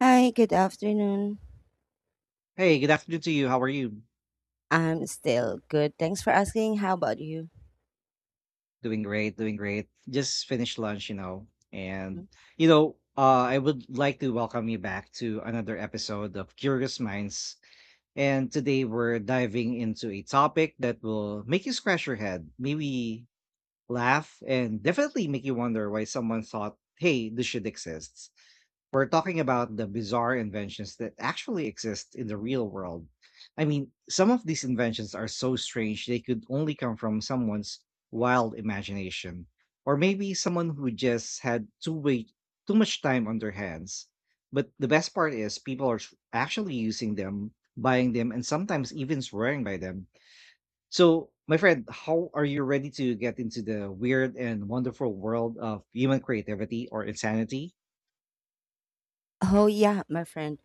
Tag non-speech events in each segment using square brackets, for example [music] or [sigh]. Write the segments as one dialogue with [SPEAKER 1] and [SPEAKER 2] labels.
[SPEAKER 1] Hi, good afternoon.
[SPEAKER 2] Hey, good afternoon to you. How are you?
[SPEAKER 1] I'm still good. Thanks for asking. How about you?
[SPEAKER 2] Doing great, doing great. Just finished lunch, you know.
[SPEAKER 1] Mhm.
[SPEAKER 2] I would like to welcome you back to another episode of Curious Minds. And today we're diving into a topic that will make you scratch your head, maybe laugh, and definitely make you wonder why someone thought, "Hey, this should exist." We're talking about the bizarre inventions that actually exist in the real world. I mean, some of these inventions are so strange they could only come from someone's wild imagination, or maybe someone who just had too way too much time on their hands. But the best part is people are actually using them, buying them, and sometimes even swearing by them. So, my friend, how are you ready to get into the weird and wonderful world of human creativity or insanity?
[SPEAKER 1] Oh, yeah, my friend.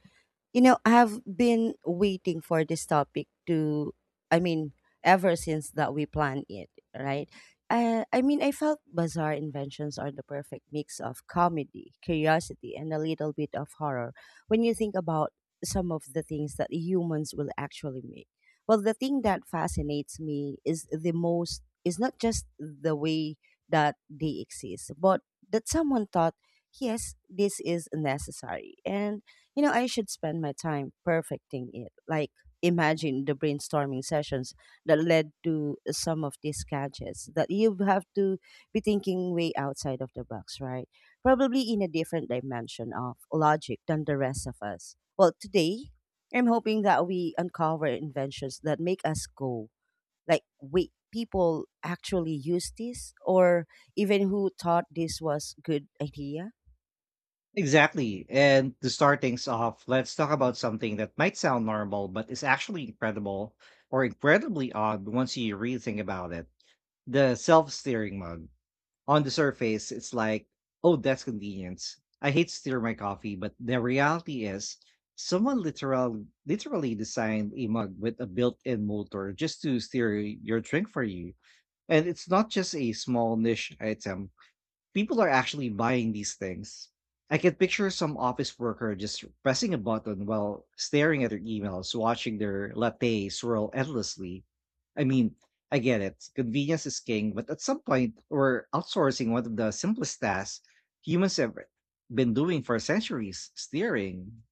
[SPEAKER 1] You know, I've been waiting for this topic to, I mean, ever since that we planned it, right? I mean, I felt bizarre inventions are the perfect mix of comedy, curiosity, and a little bit of horror when you think about some of the things that humans will actually make. Well, the thing that fascinates me is the most, is not just the way that they exist, but that someone thought, yes, this is necessary. And you know, I should spend my time perfecting it. Like, imagine the brainstorming sessions that led to some of these gadgets that you have to be thinking way outside of the box, right? Probably in a different dimension of logic than the rest of us. Well, today, I'm hoping that we uncover inventions that make us go, like, wait, people actually use this? Or even who thought this was good idea?
[SPEAKER 2] Exactly. And to start things off, let's talk about something that might sound normal, but is actually incredible or incredibly odd once you really think about it. The self steering mug. On the surface, it's like, oh, that's convenience. I hate to steer my coffee, but the reality is, someone literally designed a mug with a built in motor just to steer your drink for you. And it's not just a small niche item. People are actually buying these things. I can picture some office worker just pressing a button while staring at their emails, watching their latte swirl endlessly. I mean, I get it. Convenience is king, but at some point, we're outsourcing one of the simplest tasks humans have been doing for centuries steering.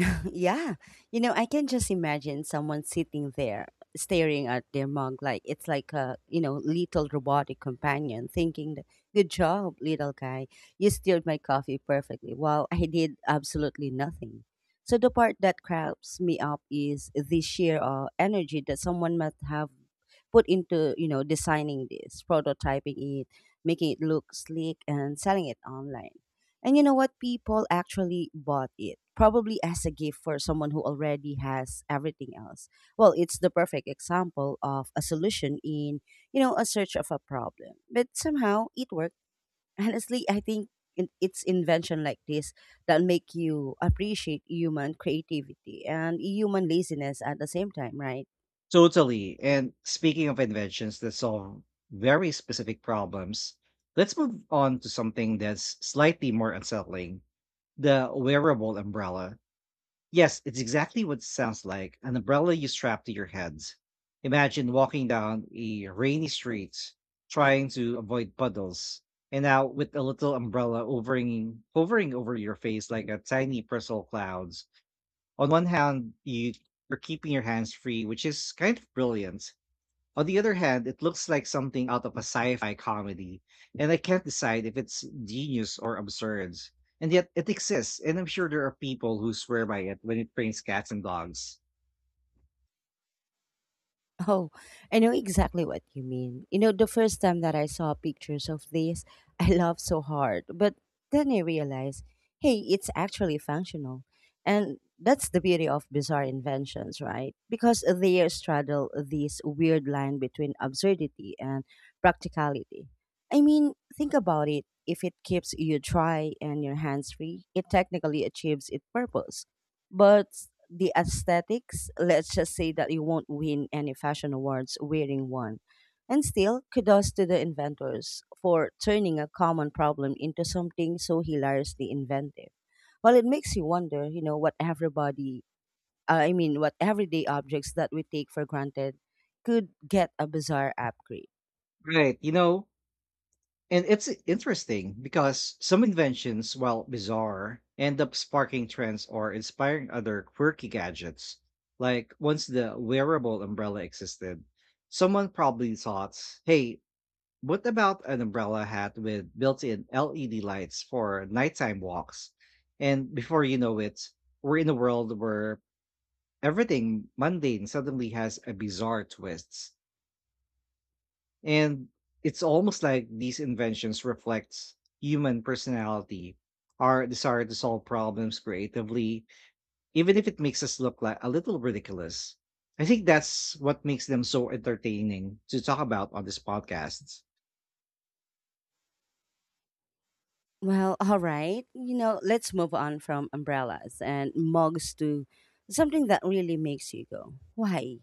[SPEAKER 1] [laughs] Yeah. You know, I can just imagine someone sitting there staring at their mug like it's like a, you know, little robotic companion thinking, that, good job, little guy. You stirred my coffee perfectly while I did absolutely nothing. So the part that cracks me up is the sheer energy that someone must have put into, you know, designing this, prototyping it, making it look sleek, and selling it online. And you know what, people actually bought it, probably as a gift for someone who already has everything else. Well, it's the perfect example of a solution in, you know, a search of a problem, but somehow it worked. [laughs] Honestly, I think it's invention like this that make you appreciate human creativity and human laziness at the same time, right?
[SPEAKER 2] Totally. And speaking of inventions that solve very specific problems, let's move on to something that's slightly more unsettling. The wearable umbrella. Yes, it's exactly what it sounds like an umbrella you strap to your head. Imagine walking down a rainy street trying to avoid puddles, and now with a little umbrella hovering over your face like a tiny personal clouds. On one hand, you're keeping your hands free, which is kind of brilliant. On the other hand, it looks like something out of a sci-fi comedy, and I can't decide if it's genius or absurd. And yet it exists, and I'm sure there are people who swear by it when it trains cats and dogs.
[SPEAKER 1] Oh, I know exactly what you mean. You know, the first time that I saw pictures of this, [laughs] I laughed so hard. But then I realized, hey, it's actually functional. And that's the beauty of bizarre inventions, right? Because they straddle this weird line between absurdity and practicality. I mean, think about it. If it keeps you dry and your hands free, it technically achieves its purpose, but the aesthetics, let's just say that you won't win any fashion awards wearing one. And still, kudos to the inventors for turning a common problem into something so hilariously inventive. Well, it makes you wonder, you know, what everybody, I mean, what everyday objects that we take for granted could get a bizarre upgrade.
[SPEAKER 2] Right, you know, and it's interesting because some inventions, while bizarre, end up sparking trends or inspiring other quirky gadgets. Like once the wearable umbrella existed, someone probably thought, hey, what about an umbrella hat with built-in LED lights for nighttime walks? And before you know it, we're in a world where everything mundane suddenly has a bizarre twist. And it's almost like these inventions reflect human personality, our desire to solve problems creatively, even if it makes us look like a little ridiculous. I think that's what makes them so entertaining to talk about on this podcast.
[SPEAKER 1] Well, all right. You know, let's move on from umbrellas and mugs to something that really makes you go, why?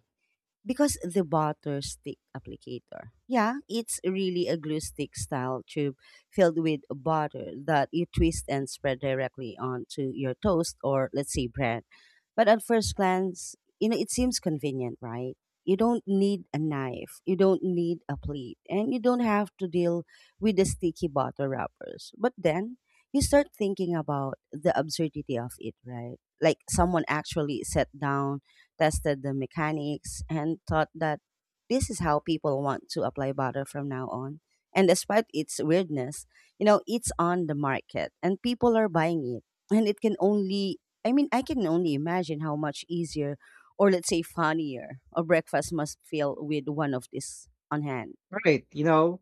[SPEAKER 1] Because the butter stick applicator. Yeah, it's really a glue stick style tube filled with butter that you twist and spread directly onto your toast or, let's say, bread. But at first glance, you know, it seems convenient, right? You don't need a knife, you don't need a plate, and you don't have to deal with the sticky butter wrappers. But then you start thinking about the absurdity of it, right? Like someone actually sat down, tested the mechanics, and thought that this is how people want to apply butter from now on. And despite its weirdness, you know, it's on the market and people are buying it. And it can only, I mean, I can only imagine how much easier, or let's say funnier, a breakfast must feel with one of this on hand.
[SPEAKER 2] All right, you know,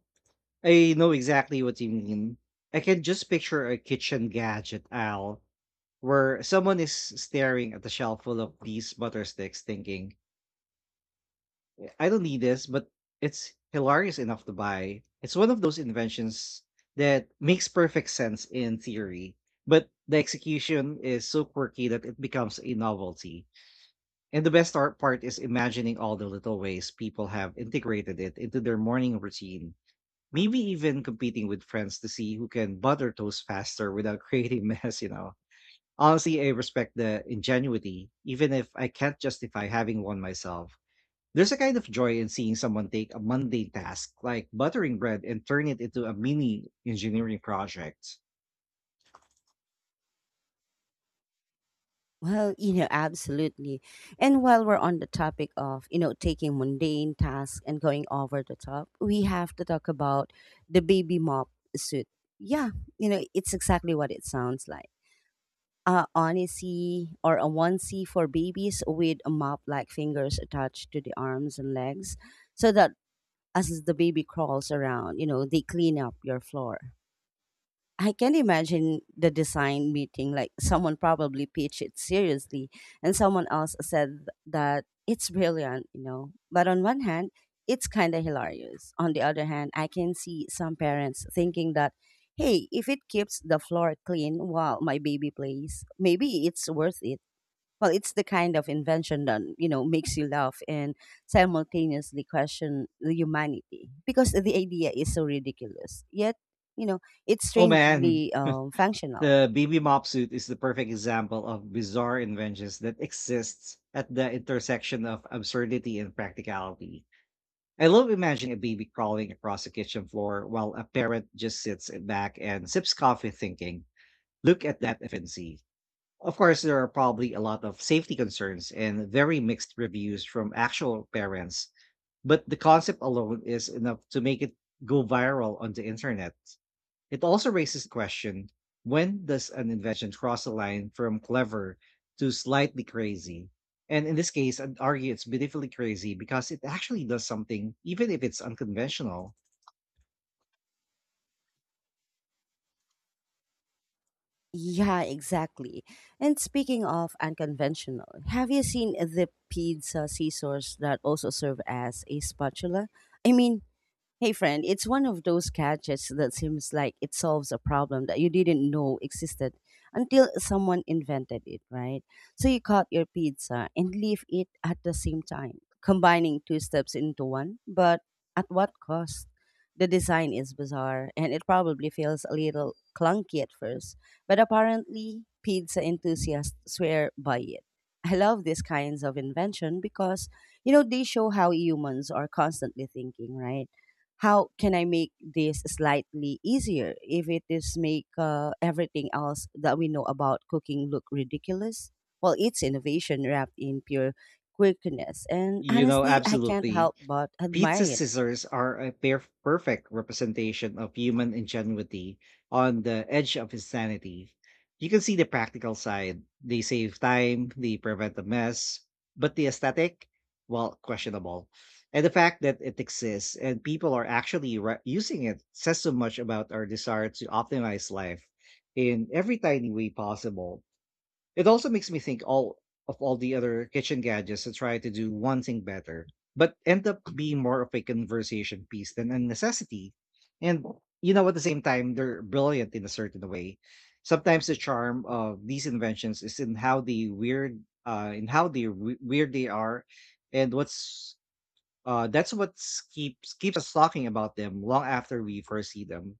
[SPEAKER 2] I know exactly what you mean. I can just picture a kitchen gadget owl where someone is staring at the shelf full of these butter sticks thinking, I don't need this, but it's hilarious enough to buy. It's one of those inventions that makes perfect sense in theory, but the execution is so quirky that it becomes a novelty. And the best art part is imagining all the little ways people have integrated it into their morning routine. Maybe even competing with friends to see who can butter toast faster without [laughs] creating mess. Honestly, I respect the ingenuity, even if I can't justify having one myself. There's a kind of joy in seeing someone take a mundane task like buttering bread and turn it into a mini engineering project.
[SPEAKER 1] Well, you know, absolutely. And while we're on the topic of, you know, taking mundane tasks and going over the top, we have to talk about the baby mop suit. Yeah, you know, it's exactly what it sounds like. A onesie or a onesie for babies with a mop like fingers attached to the arms and legs, so that as the baby crawls around, you know, they clean up your floor. I can imagine the design meeting, like someone probably pitched it seriously and someone else said that it's brilliant, you know. But on one hand, it's kind of hilarious. On the other hand, I can see some parents thinking that, hey, if it keeps the floor clean while my baby plays, maybe it's worth it. Well, it's the kind of invention that, you know, makes you laugh and simultaneously question the humanity because the idea is so ridiculous. Yet, you know, it's
[SPEAKER 2] Oh man,
[SPEAKER 1] strangely functional.
[SPEAKER 2] the baby mop suit is the perfect example of bizarre inventions that exists at the intersection of absurdity and practicality. I love imagining a baby crawling across the kitchen floor while a parent just sits back and sips coffee thinking, look at that efficiency. Of course, there are probably a lot of safety concerns and very mixed reviews from actual parents, but the concept alone is enough to make it go viral on the internet. It also raises the question when does an invention cross a line from clever to slightly crazy? And in this case, I'd argue it's beautifully crazy because it actually does something, even if it's unconventional.
[SPEAKER 1] Yeah, exactly. And speaking of unconventional, have you seen the pizza scissors that also serve as a spatula? I mean, hey friend, it's one of those gadgets that seems like it solves a problem that you didn't know existed until someone invented it, right? So you cut your pizza and leave it at the same time, combining two steps into one, but at what cost? The design is bizarre and it probably feels a little clunky at first, but apparently pizza enthusiasts swear by it. I love these kinds of invention because, you know, they show how humans are constantly thinking, right? How can I make this slightly easier if it is make everything else that we know about cooking look ridiculous? Well, it's innovation wrapped in pure quirkiness, and
[SPEAKER 2] You know,
[SPEAKER 1] honestly, I can't
[SPEAKER 2] absolutely.
[SPEAKER 1] help but
[SPEAKER 2] Pizza
[SPEAKER 1] admire it.
[SPEAKER 2] scissors are a perfect representation of human ingenuity on the edge of insanity. You can see the practical side. They save time, they prevent a mess, but the aesthetic, well, questionable. And the fact that it exists and people are actually using it says so much about our desire to optimize life in every tiny way possible. It also makes me think all of all the other kitchen gadgets that try to do one thing better, but end up being more of a conversation piece than a necessity. And you know, at the same time, they're brilliant in a certain way. Sometimes the charm of these inventions is in in how weird they are, and what's that's what keeps us talking about them long after we first see them.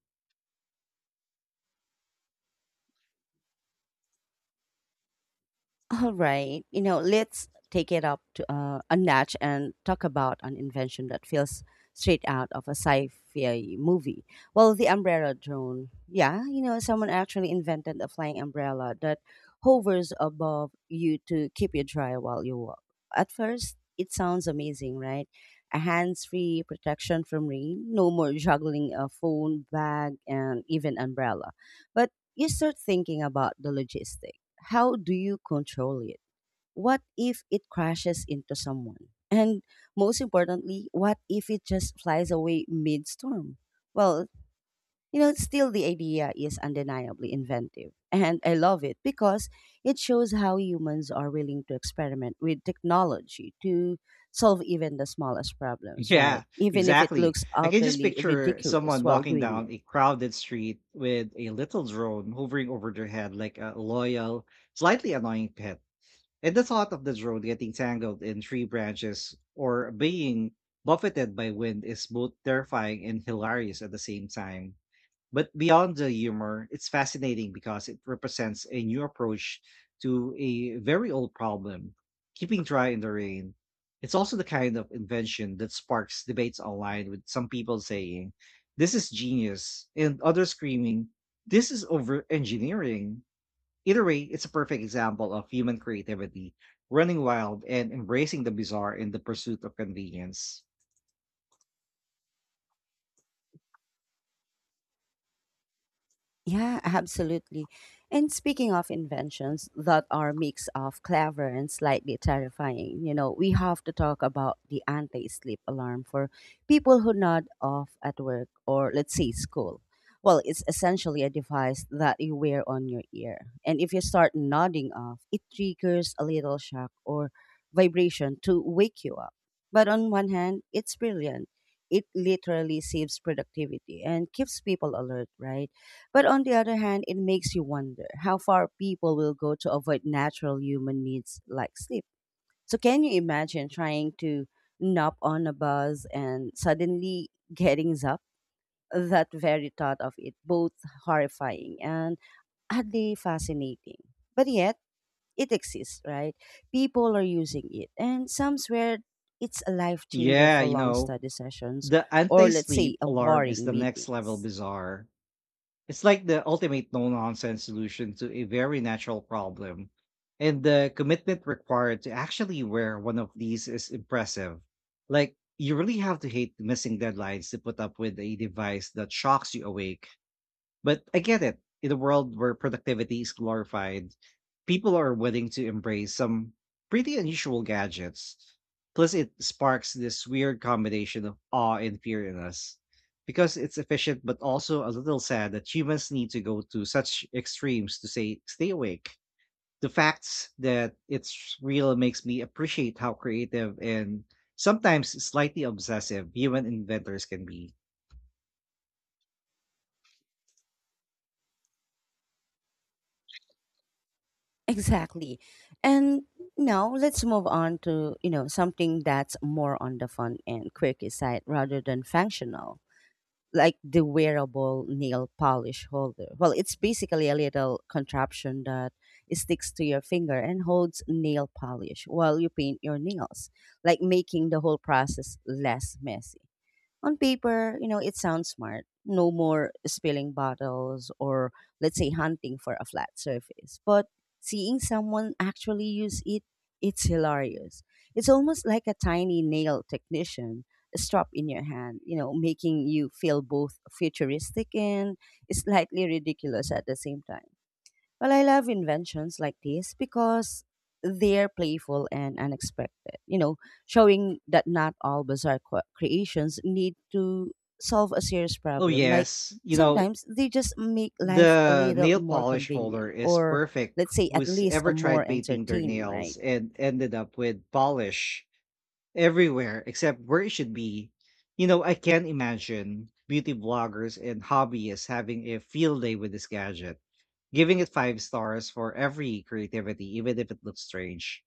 [SPEAKER 1] All right. You know, let's take it up to a notch and talk about an invention that feels straight out of a sci-fi movie. Well, the umbrella drone. Yeah, you know, someone actually invented a flying umbrella that hovers above you to keep you dry while you walk. At first, it sounds amazing, right? A hands-free protection from rain, no more juggling a phone, bag, and even umbrella. But you start thinking about the logistics. How do you control it? What if it crashes into someone? And most importantly, what if it just flies away mid storm? Well, you know, still the idea is undeniably inventive. And I love it because it shows how humans are willing to experiment with technology to solve even the smallest problems,
[SPEAKER 2] Yeah,
[SPEAKER 1] right? Even if it
[SPEAKER 2] exactly.
[SPEAKER 1] looks
[SPEAKER 2] I can just
[SPEAKER 1] utterly
[SPEAKER 2] picture
[SPEAKER 1] ridiculous
[SPEAKER 2] someone
[SPEAKER 1] while
[SPEAKER 2] walking
[SPEAKER 1] doing
[SPEAKER 2] down
[SPEAKER 1] it.
[SPEAKER 2] a crowded street with a little drone hovering over their head like a loyal, slightly annoying pet. And the thought of the drone getting tangled in tree branches or being buffeted by wind is both terrifying and hilarious at the same time. But beyond the humor, it's fascinating because it represents a new approach to a very old problem, keeping dry in the rain. It's also the kind of invention that sparks debates online with some people saying, this is genius, and others screaming, this is over engineering. Either way, it's a perfect example of human creativity running wild and embracing the bizarre in the pursuit of convenience.
[SPEAKER 1] Yeah, absolutely. And speaking of inventions that are mix of clever and slightly terrifying, you know, we have to talk about the anti-sleep alarm for people who nod off at work or, let's say, school. Well, it's essentially a device that you wear on your ear. And if you start nodding off, it triggers a little shock or vibration to wake you up. But on one hand, it's brilliant. It literally saves productivity and keeps people alert, right? But on the other hand, it makes you wonder how far people will go to avoid natural human needs like sleep. So, can you imagine trying to nap on a bus and suddenly getting up? That very thought of it, both horrifying and oddly fascinating. But yet, it exists, right? People are using it, and some swear it's a life changer
[SPEAKER 2] Yeah,
[SPEAKER 1] for
[SPEAKER 2] you
[SPEAKER 1] long
[SPEAKER 2] know,
[SPEAKER 1] study sessions
[SPEAKER 2] the
[SPEAKER 1] or,
[SPEAKER 2] anti
[SPEAKER 1] let's say,
[SPEAKER 2] sleep
[SPEAKER 1] a
[SPEAKER 2] alarm is
[SPEAKER 1] boring
[SPEAKER 2] the next level
[SPEAKER 1] meetings.
[SPEAKER 2] bizarre. It's like the ultimate no nonsense solution to a very natural problem. And the commitment required to actually wear one of these is impressive. Like, you really have to hate missing deadlines to put up with a device that shocks you awake. But I get it. In a world where productivity is glorified, people are willing to embrace some pretty unusual gadgets. Plus, it sparks this weird combination of awe and fear in us because it's efficient, but also a little sad that humans need to go to such extremes to say, stay awake. The facts that it's real makes me appreciate how creative and sometimes slightly obsessive human inventors can be.
[SPEAKER 1] Exactly. And now let's move on to, you know, something that's more on the fun and quirky side rather than functional, like the wearable nail polish holder. Well, it's basically a little contraption that sticks to your finger and holds nail polish while you paint your nails, like making the whole process less messy. On paper, you know, it sounds smart. No more spilling bottles or, let's say, hunting for a flat surface. But seeing someone actually use it, it's hilarious. It's almost like a tiny nail technician strap in your hand, you know, making you feel both futuristic and slightly ridiculous at the same time. Well, I love inventions like this because they're playful and unexpected, you know, showing that not all bizarre creations need to solve a serious
[SPEAKER 2] Oh,
[SPEAKER 1] problem. Like,
[SPEAKER 2] yes. You know,
[SPEAKER 1] sometimes they just make life a
[SPEAKER 2] the
[SPEAKER 1] little
[SPEAKER 2] nail
[SPEAKER 1] more
[SPEAKER 2] polish holder
[SPEAKER 1] convenient,
[SPEAKER 2] is
[SPEAKER 1] or,
[SPEAKER 2] perfect.
[SPEAKER 1] let's say, at
[SPEAKER 2] Who's
[SPEAKER 1] least
[SPEAKER 2] ever
[SPEAKER 1] a more
[SPEAKER 2] tried painting their
[SPEAKER 1] entertaining,
[SPEAKER 2] nails
[SPEAKER 1] right?
[SPEAKER 2] and ended up with polish everywhere except where it should be? You know, I can't imagine beauty bloggers and hobbyists having a field day with this gadget giving it 5 stars for every creativity, even if it looks strange.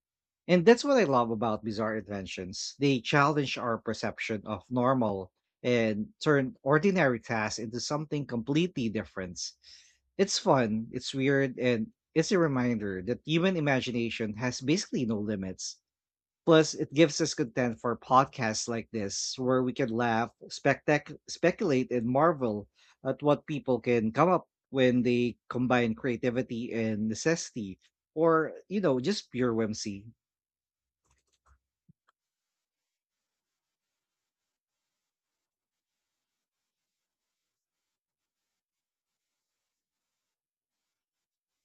[SPEAKER 2] And that's what I love about bizarre inventions. They challenge our perception of normal and turn ordinary tasks into something completely different. It's fun, it's weird, and it's a reminder that human imagination has basically no limits. Plus, it gives us content for podcasts like this, where we can laugh, speculate, and marvel at what people can come up when they combine creativity and necessity, or you know, just pure whimsy.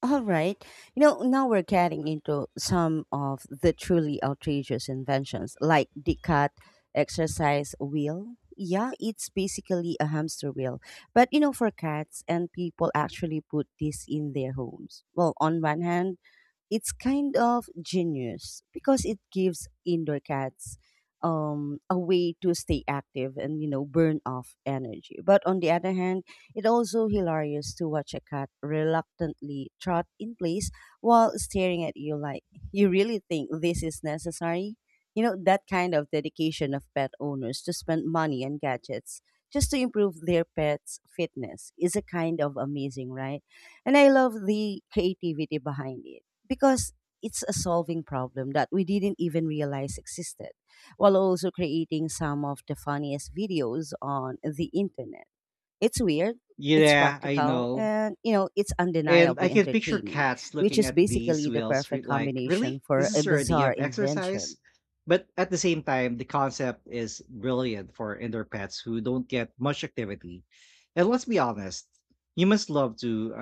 [SPEAKER 1] All right. You know, now we're getting into some of the truly outrageous inventions like the cat exercise wheel. Yeah, it's basically a hamster wheel. But you know, for cats and people actually put this in their homes. Well, on one hand, it's kind of genius because it gives indoor cats a way to stay active and, you know, burn off energy. But on the other hand, it also hilarious to watch a cat reluctantly trot in place while staring at you like, you really think this is necessary. You know that kind of dedication of pet owners to spend money on gadgets just to improve their pet's fitness is a kind of amazing, right? And I love the creativity behind it because it's a solving problem that we didn't even realize existed, while also creating some of the funniest videos on the internet. It's weird, it's
[SPEAKER 2] Yeah, I
[SPEAKER 1] practical,
[SPEAKER 2] know.
[SPEAKER 1] and, you know, it's
[SPEAKER 2] And I
[SPEAKER 1] undeniably
[SPEAKER 2] can picture
[SPEAKER 1] entertaining,
[SPEAKER 2] cats
[SPEAKER 1] which
[SPEAKER 2] looking
[SPEAKER 1] is
[SPEAKER 2] at these
[SPEAKER 1] basically the
[SPEAKER 2] wheels
[SPEAKER 1] perfect
[SPEAKER 2] like,
[SPEAKER 1] combination
[SPEAKER 2] really?
[SPEAKER 1] for
[SPEAKER 2] This
[SPEAKER 1] a
[SPEAKER 2] is your idea
[SPEAKER 1] bizarre
[SPEAKER 2] of exercise?
[SPEAKER 1] invention.
[SPEAKER 2] But at the same time, the concept is brilliant for indoor pets who don't get much activity. And let's be honest, humans love to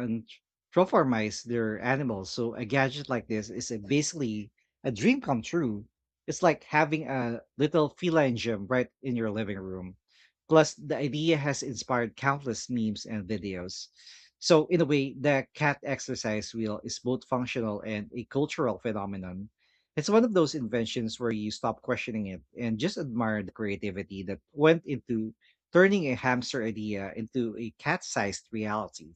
[SPEAKER 2] anthropomorphize their animals. So a gadget like this is a basically a dream come true. It's like having a little feline gym right in your living room. Plus, the idea has inspired countless memes and videos. So in a way, the cat exercise wheel is both functional and a cultural phenomenon. It's one of those inventions where you stop questioning it and just admire the creativity that went into turning a hamster idea into a cat-sized reality.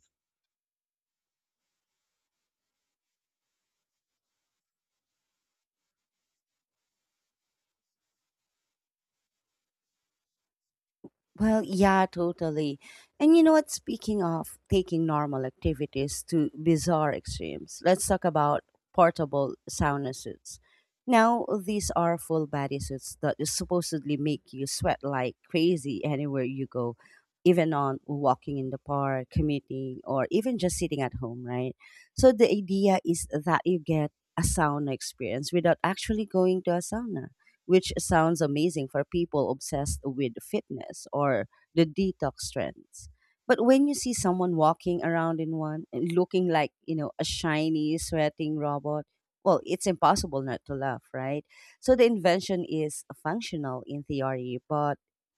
[SPEAKER 1] Well, yeah, totally. And you know what? Speaking of taking normal activities to bizarre extremes, let's talk about portable sauna suits. Now, these are full body suits that supposedly make you sweat like crazy anywhere you go, even on walking in the park, commuting, or even just sitting at home, right? So, the idea is that you get a sauna experience without actually going to a sauna which sounds amazing for people obsessed with fitness or the detox trends. But when you see someone walking around in one and looking like, you know, a shiny, sweating robot, well, it's impossible not to laugh, right? So the invention is functional in theory, but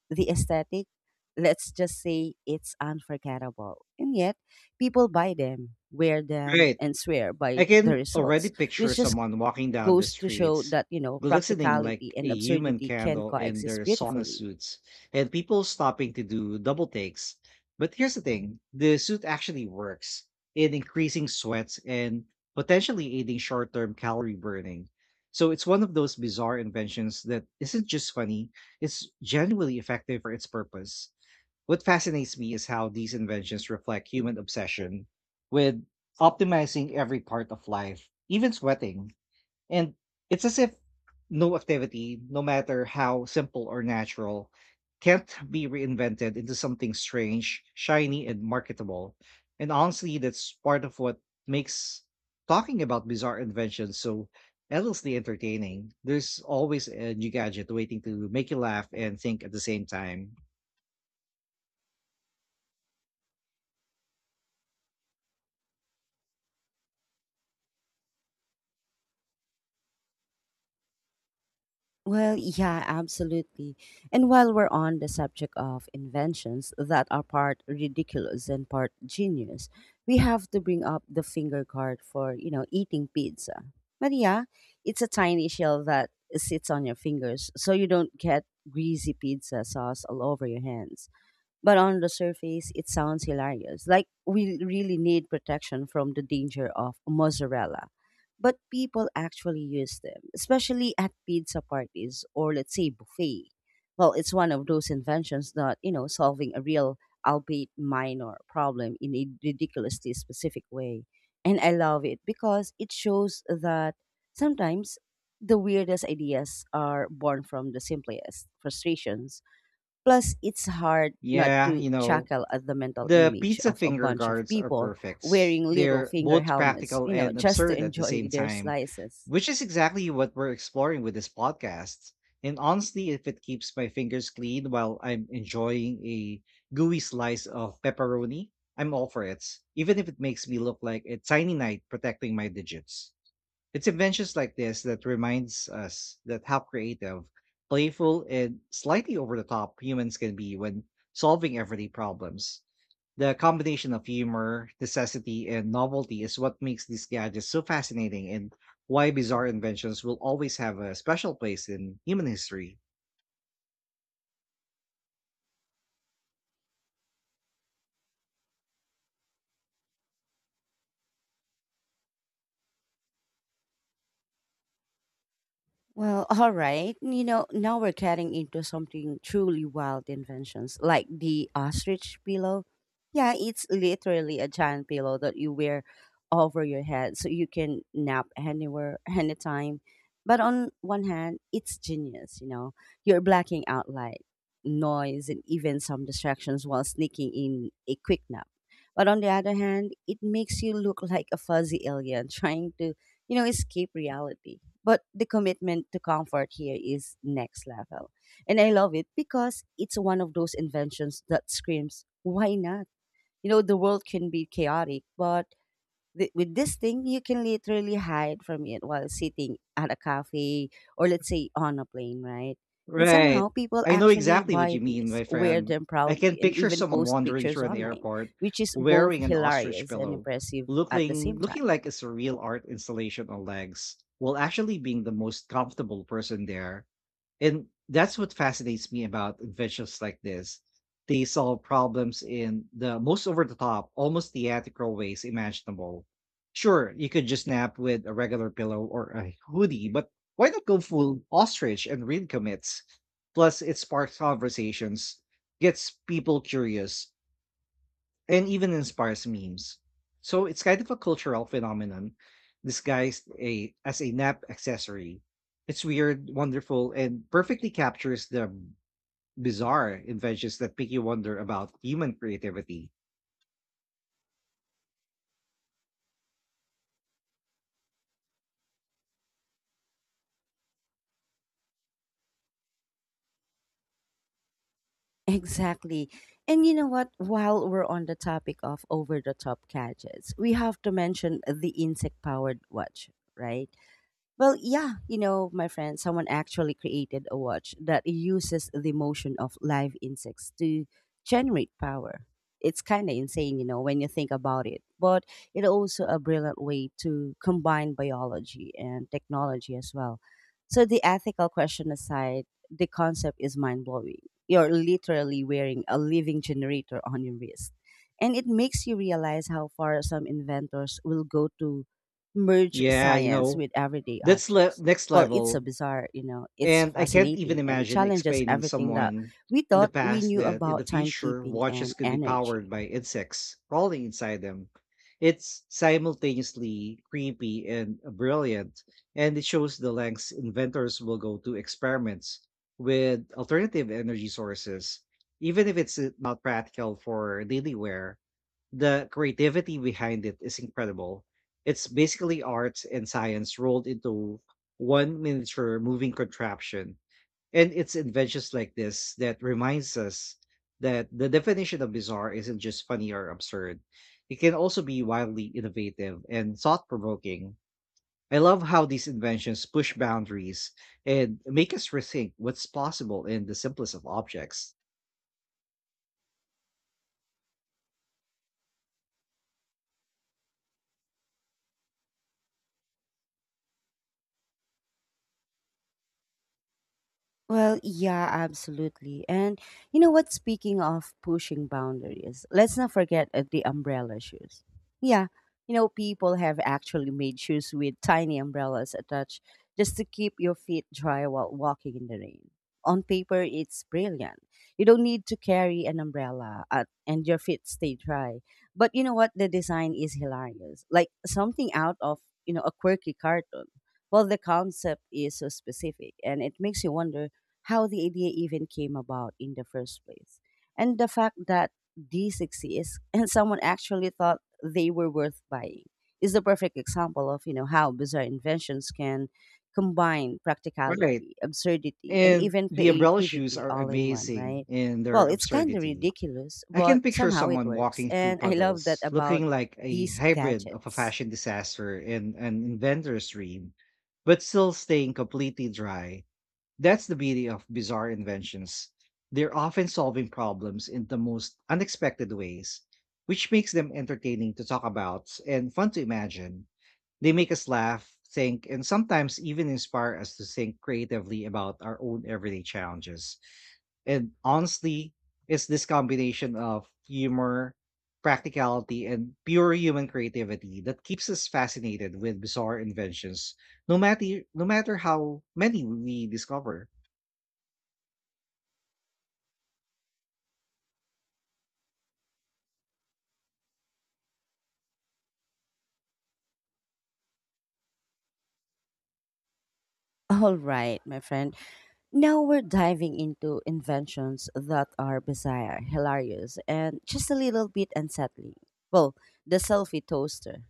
[SPEAKER 1] the aesthetic, let's just say it's unforgettable. And yet, people buy them, wear them,
[SPEAKER 2] Right.
[SPEAKER 1] and swear by
[SPEAKER 2] I
[SPEAKER 1] the
[SPEAKER 2] can already
[SPEAKER 1] results,
[SPEAKER 2] picture
[SPEAKER 1] which just
[SPEAKER 2] someone walking down the
[SPEAKER 1] goes to show
[SPEAKER 2] streets,
[SPEAKER 1] that, you know,
[SPEAKER 2] glistening
[SPEAKER 1] practicality
[SPEAKER 2] like a
[SPEAKER 1] and
[SPEAKER 2] human
[SPEAKER 1] absurdity can
[SPEAKER 2] candle in
[SPEAKER 1] coexist
[SPEAKER 2] their sauna
[SPEAKER 1] beautifully.
[SPEAKER 2] suits, and people stopping to do double takes. But here's the thing the suit actually works in increasing sweats and potentially aiding short term calorie burning. So it's one of those bizarre inventions that isn't just funny, it's genuinely effective for its purpose. What fascinates me is how these inventions reflect human obsession with optimizing every part of life, even sweating. And it's as if no activity, no matter how simple or natural, can't be reinvented into something strange, shiny, and marketable. And honestly, that's part of what makes talking about bizarre inventions so endlessly entertaining. There's always a new gadget waiting to make you laugh and think at the same time.
[SPEAKER 1] Well, yeah, absolutely. And while we're on the subject of inventions that are part ridiculous and part genius, we have to bring up the finger guard for, you know, eating pizza. Maria, it's a tiny shell that sits on your fingers so you don't get greasy pizza sauce all over your hands. But on the surface, it sounds hilarious. Like we really need protection from the danger of mozzarella. But people actually use them, especially at pizza parties or let's say buffet. Well, it's one of those inventions that, you know, solving a real, albeit minor problem in a ridiculously specific way. And I love it because it shows that sometimes the weirdest ideas are born from the simplest frustrations. Plus, it's hard not
[SPEAKER 2] Yeah,
[SPEAKER 1] to
[SPEAKER 2] you know,
[SPEAKER 1] chuckle at the mental
[SPEAKER 2] The
[SPEAKER 1] image
[SPEAKER 2] pizza
[SPEAKER 1] of a
[SPEAKER 2] finger
[SPEAKER 1] bunch of
[SPEAKER 2] guards are
[SPEAKER 1] people
[SPEAKER 2] perfect.
[SPEAKER 1] wearing little
[SPEAKER 2] They're
[SPEAKER 1] finger
[SPEAKER 2] both
[SPEAKER 1] helmets,
[SPEAKER 2] practical
[SPEAKER 1] you know,
[SPEAKER 2] and
[SPEAKER 1] just to
[SPEAKER 2] absurd at the same
[SPEAKER 1] enjoy their
[SPEAKER 2] time,
[SPEAKER 1] slices.
[SPEAKER 2] which is exactly what we're exploring with this podcast. And honestly, if it keeps my fingers clean while I'm enjoying a gooey slice of pepperoni, I'm all for it, even if it makes me look like a tiny knight protecting my digits. It's inventions like this that reminds us that how creative, playful, and slightly over the top humans can be when solving everyday problems. The combination of humor, necessity, and novelty is what makes these gadgets so fascinating and why bizarre inventions will always have a special place in human history.
[SPEAKER 1] Well, all right. You know, now we're getting into something truly wild inventions, like the ostrich pillow. Yeah, it's literally a giant pillow that you wear over your head so you can nap anywhere, anytime. But on one hand, it's genius, you know. You're blacking out light, noise, and even some distractions while sneaking in a quick nap. But on the other hand, it makes you look like a fuzzy alien [laughs] trying to, you know, escape reality. But the commitment to comfort here is next level. And I love it because it's one of those inventions that screams, why not? You know, the world can be chaotic, but with this thing, you can literally hide from it while sitting at a cafe or, let's say, on a plane, right? And
[SPEAKER 2] Right.
[SPEAKER 1] somehow people
[SPEAKER 2] I know
[SPEAKER 1] actually
[SPEAKER 2] exactly what
[SPEAKER 1] buy
[SPEAKER 2] you mean,
[SPEAKER 1] these,
[SPEAKER 2] my
[SPEAKER 1] wear
[SPEAKER 2] friend.
[SPEAKER 1] them
[SPEAKER 2] I can
[SPEAKER 1] proudly, and
[SPEAKER 2] picture
[SPEAKER 1] even
[SPEAKER 2] someone
[SPEAKER 1] post
[SPEAKER 2] wandering
[SPEAKER 1] pictures
[SPEAKER 2] through an
[SPEAKER 1] online,
[SPEAKER 2] airport
[SPEAKER 1] which is both
[SPEAKER 2] wearing an ostrich
[SPEAKER 1] hilarious and
[SPEAKER 2] pillow,
[SPEAKER 1] impressive at the
[SPEAKER 2] looking
[SPEAKER 1] same
[SPEAKER 2] looking
[SPEAKER 1] time.
[SPEAKER 2] like a surreal art installation on legs, while actually being the most comfortable person there. And that's what fascinates me about inventions like this. They solve problems in the most over the top, almost theatrical ways imaginable. Sure, you could just nap with a regular pillow or a hoodie, but why not go full ostrich and read commits? Plus, it sparks conversations, gets people curious, and even inspires memes. So it's kind of a cultural phenomenon disguised as a nap accessory. It's weird, wonderful, and perfectly captures the bizarre inventions that make you wonder about human creativity.
[SPEAKER 1] Exactly. And you know what? While we're on the topic of over the top gadgets, we have to mention the insect powered watch, right? Well, yeah, you know, my friend, someone actually created a watch that uses the motion of live insects to generate power. It's kind of insane, you know, when you think about it, but it's also a brilliant way to combine biology and technology as well. So, the ethical question aside, the concept is mind blowing. You're literally wearing a living generator on your wrist. And it makes you realize how far some inventors will go to merge
[SPEAKER 2] Yeah, you
[SPEAKER 1] science
[SPEAKER 2] know,
[SPEAKER 1] with everyday
[SPEAKER 2] that's
[SPEAKER 1] objects.
[SPEAKER 2] next
[SPEAKER 1] Well, it's a
[SPEAKER 2] level.
[SPEAKER 1] bizarre, you know, it's
[SPEAKER 2] And I can't even
[SPEAKER 1] fascinating and it
[SPEAKER 2] imagine
[SPEAKER 1] challenges
[SPEAKER 2] explaining
[SPEAKER 1] everything that
[SPEAKER 2] someone
[SPEAKER 1] we
[SPEAKER 2] in the
[SPEAKER 1] thought we
[SPEAKER 2] past
[SPEAKER 1] knew
[SPEAKER 2] that in the
[SPEAKER 1] about
[SPEAKER 2] future
[SPEAKER 1] timekeeping
[SPEAKER 2] watches
[SPEAKER 1] and
[SPEAKER 2] could be powered
[SPEAKER 1] energy.
[SPEAKER 2] by insects crawling inside them. It's simultaneously creepy and brilliant, and it shows the lengths inventors will go to experiments with alternative energy sources, even if it's not practical for daily wear. The creativity behind it is incredible. It's basically art and science rolled into one miniature moving contraption. And it's inventions like this that reminds us that the definition of bizarre isn't just funny or absurd. It can also be wildly innovative and thought provoking. I love how these inventions push boundaries and make us rethink what's possible in the simplest of objects.
[SPEAKER 1] Well, yeah, absolutely. And you know what? Speaking of pushing boundaries, let's not forget the umbrella shoes. Yeah, you know, people have actually made shoes with tiny umbrellas attached just to keep your feet dry while walking in the rain. On paper, it's brilliant. You don't need to carry an umbrella and your feet stay dry. But you know what? The design is hilarious. Like something out of, you know, a quirky cartoon. Well, the concept is so specific and it makes you wonder how the idea even came about in the first place. And the fact that these exist [laughs] and someone actually thought they were worth buying is the perfect example of, you know, how bizarre inventions can combine
[SPEAKER 2] Right.
[SPEAKER 1] practicality, absurdity, and
[SPEAKER 2] And
[SPEAKER 1] even
[SPEAKER 2] the umbrella shoes
[SPEAKER 1] creativity
[SPEAKER 2] are
[SPEAKER 1] all in one,
[SPEAKER 2] amazing
[SPEAKER 1] right?
[SPEAKER 2] in their
[SPEAKER 1] Well, it's kind of
[SPEAKER 2] absurdity.
[SPEAKER 1] ridiculous,
[SPEAKER 2] I
[SPEAKER 1] but
[SPEAKER 2] can picture
[SPEAKER 1] somehow it
[SPEAKER 2] someone
[SPEAKER 1] works.
[SPEAKER 2] walking through
[SPEAKER 1] And I love that
[SPEAKER 2] puddles,
[SPEAKER 1] about
[SPEAKER 2] looking like a
[SPEAKER 1] these
[SPEAKER 2] hybrid of a
[SPEAKER 1] gadgets.
[SPEAKER 2] fashion disaster and an inventor's dream, but still staying completely dry. That's the beauty of bizarre inventions. They're often solving problems in the most unexpected ways, which makes them entertaining to talk about and fun to imagine. They make us laugh, think, and sometimes even inspire us to think creatively about our own everyday challenges. And honestly, it's this combination of humor, practicality, and pure human creativity that keeps us fascinated with bizarre inventions, no matter how many we discover.
[SPEAKER 1] [laughs] All right, my friend. Now we're diving into inventions that are bizarre, hilarious, and just a little bit unsettling. Well, the selfie toaster.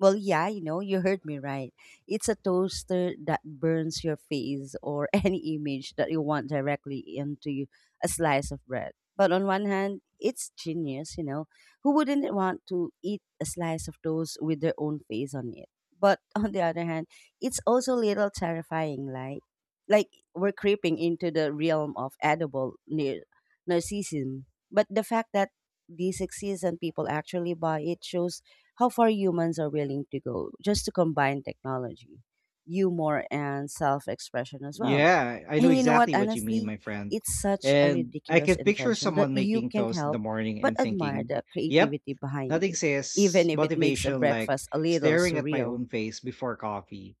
[SPEAKER 1] Well, yeah, you know, you heard me right. It's a toaster that burns your face or [laughs] any image that you want directly into a slice of bread. But on one hand, it's genius, you know. Who wouldn't want to eat a slice of toast with their own face on it? But [laughs] on the other hand, it's also a little terrifying, like like we're creeping into the realm of edible narcissism. But the fact that these exist and people actually buy it shows how far humans are willing to go just to combine technology, humor, and self expression as well.
[SPEAKER 2] Yeah, I know
[SPEAKER 1] And you know what?
[SPEAKER 2] exactly what you mean,
[SPEAKER 1] Honestly,
[SPEAKER 2] my friend.
[SPEAKER 1] it's such a
[SPEAKER 2] And I
[SPEAKER 1] ridiculous
[SPEAKER 2] can picture
[SPEAKER 1] invention that
[SPEAKER 2] someone
[SPEAKER 1] you
[SPEAKER 2] making
[SPEAKER 1] can't
[SPEAKER 2] toast in the
[SPEAKER 1] help
[SPEAKER 2] morning and
[SPEAKER 1] but admire
[SPEAKER 2] thinking,
[SPEAKER 1] the
[SPEAKER 2] yep,
[SPEAKER 1] creativity behind
[SPEAKER 2] nothing
[SPEAKER 1] it,
[SPEAKER 2] says
[SPEAKER 1] even if it makes a
[SPEAKER 2] motivation like
[SPEAKER 1] breakfast a little
[SPEAKER 2] staring at my
[SPEAKER 1] surreal.
[SPEAKER 2] own face before coffee.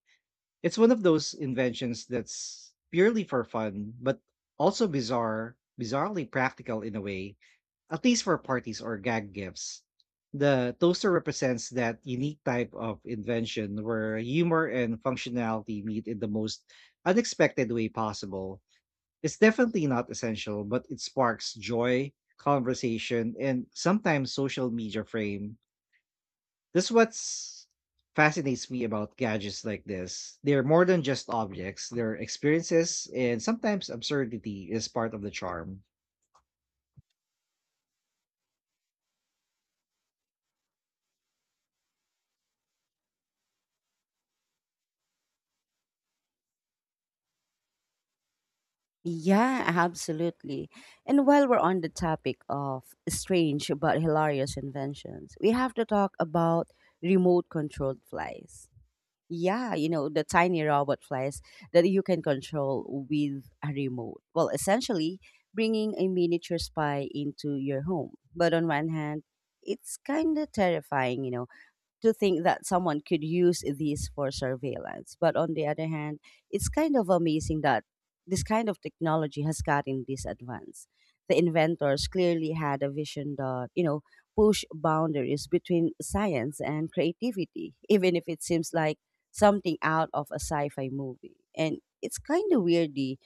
[SPEAKER 2] It's one of those inventions that's purely for fun, but also bizarrely practical in a way. At least for parties or gag gifts, the toaster represents that unique type of invention where humor and functionality meet in the most unexpected way possible. It's definitely not essential, but it sparks joy, conversation, and sometimes social media frame. This what's fascinates me about gadgets like this. They're more than just objects, they're experiences, and sometimes absurdity is part of the charm.
[SPEAKER 1] Yeah, absolutely. And while we're on the topic of strange but hilarious inventions, we have to talk about remote controlled flies. Yeah, you know, the tiny robot flies that you can control with a remote. Well, essentially bringing a miniature spy into your home. But on one hand, it's kind of terrifying, you know, to think that someone could use these for surveillance. But on the other hand, it's kind of amazing that this kind of technology has gotten this advanced. The inventors clearly had a vision that, you know, push boundaries between science and creativity, [laughs] even if it seems like something out of a sci-fi movie. And it's kind of weirdly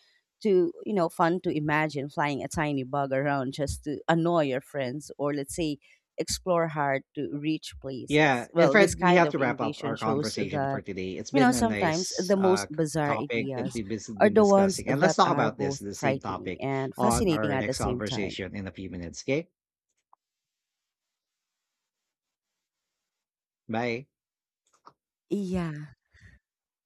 [SPEAKER 1] to, you know, fun to imagine flying a tiny bug around just to annoy your friends or let's say explore hard to reach
[SPEAKER 2] Yeah,
[SPEAKER 1] places.
[SPEAKER 2] and
[SPEAKER 1] Well, this
[SPEAKER 2] Fred, we
[SPEAKER 1] kind
[SPEAKER 2] have to
[SPEAKER 1] of
[SPEAKER 2] wrap up
[SPEAKER 1] innovation
[SPEAKER 2] our
[SPEAKER 1] shows
[SPEAKER 2] conversation for
[SPEAKER 1] that,
[SPEAKER 2] today. It's
[SPEAKER 1] you know,
[SPEAKER 2] been a
[SPEAKER 1] sometimes
[SPEAKER 2] nice
[SPEAKER 1] the most bizarre
[SPEAKER 2] topic that
[SPEAKER 1] ideas
[SPEAKER 2] we've been,
[SPEAKER 1] are
[SPEAKER 2] been
[SPEAKER 1] the ones
[SPEAKER 2] discussing, and let's
[SPEAKER 1] that
[SPEAKER 2] talk
[SPEAKER 1] are
[SPEAKER 2] about this
[SPEAKER 1] both
[SPEAKER 2] the same
[SPEAKER 1] frightening
[SPEAKER 2] topic
[SPEAKER 1] and
[SPEAKER 2] on
[SPEAKER 1] fascinating
[SPEAKER 2] our
[SPEAKER 1] at the
[SPEAKER 2] next
[SPEAKER 1] same time.
[SPEAKER 2] conversation in a few minutes. Okay, bye.
[SPEAKER 1] Yeah.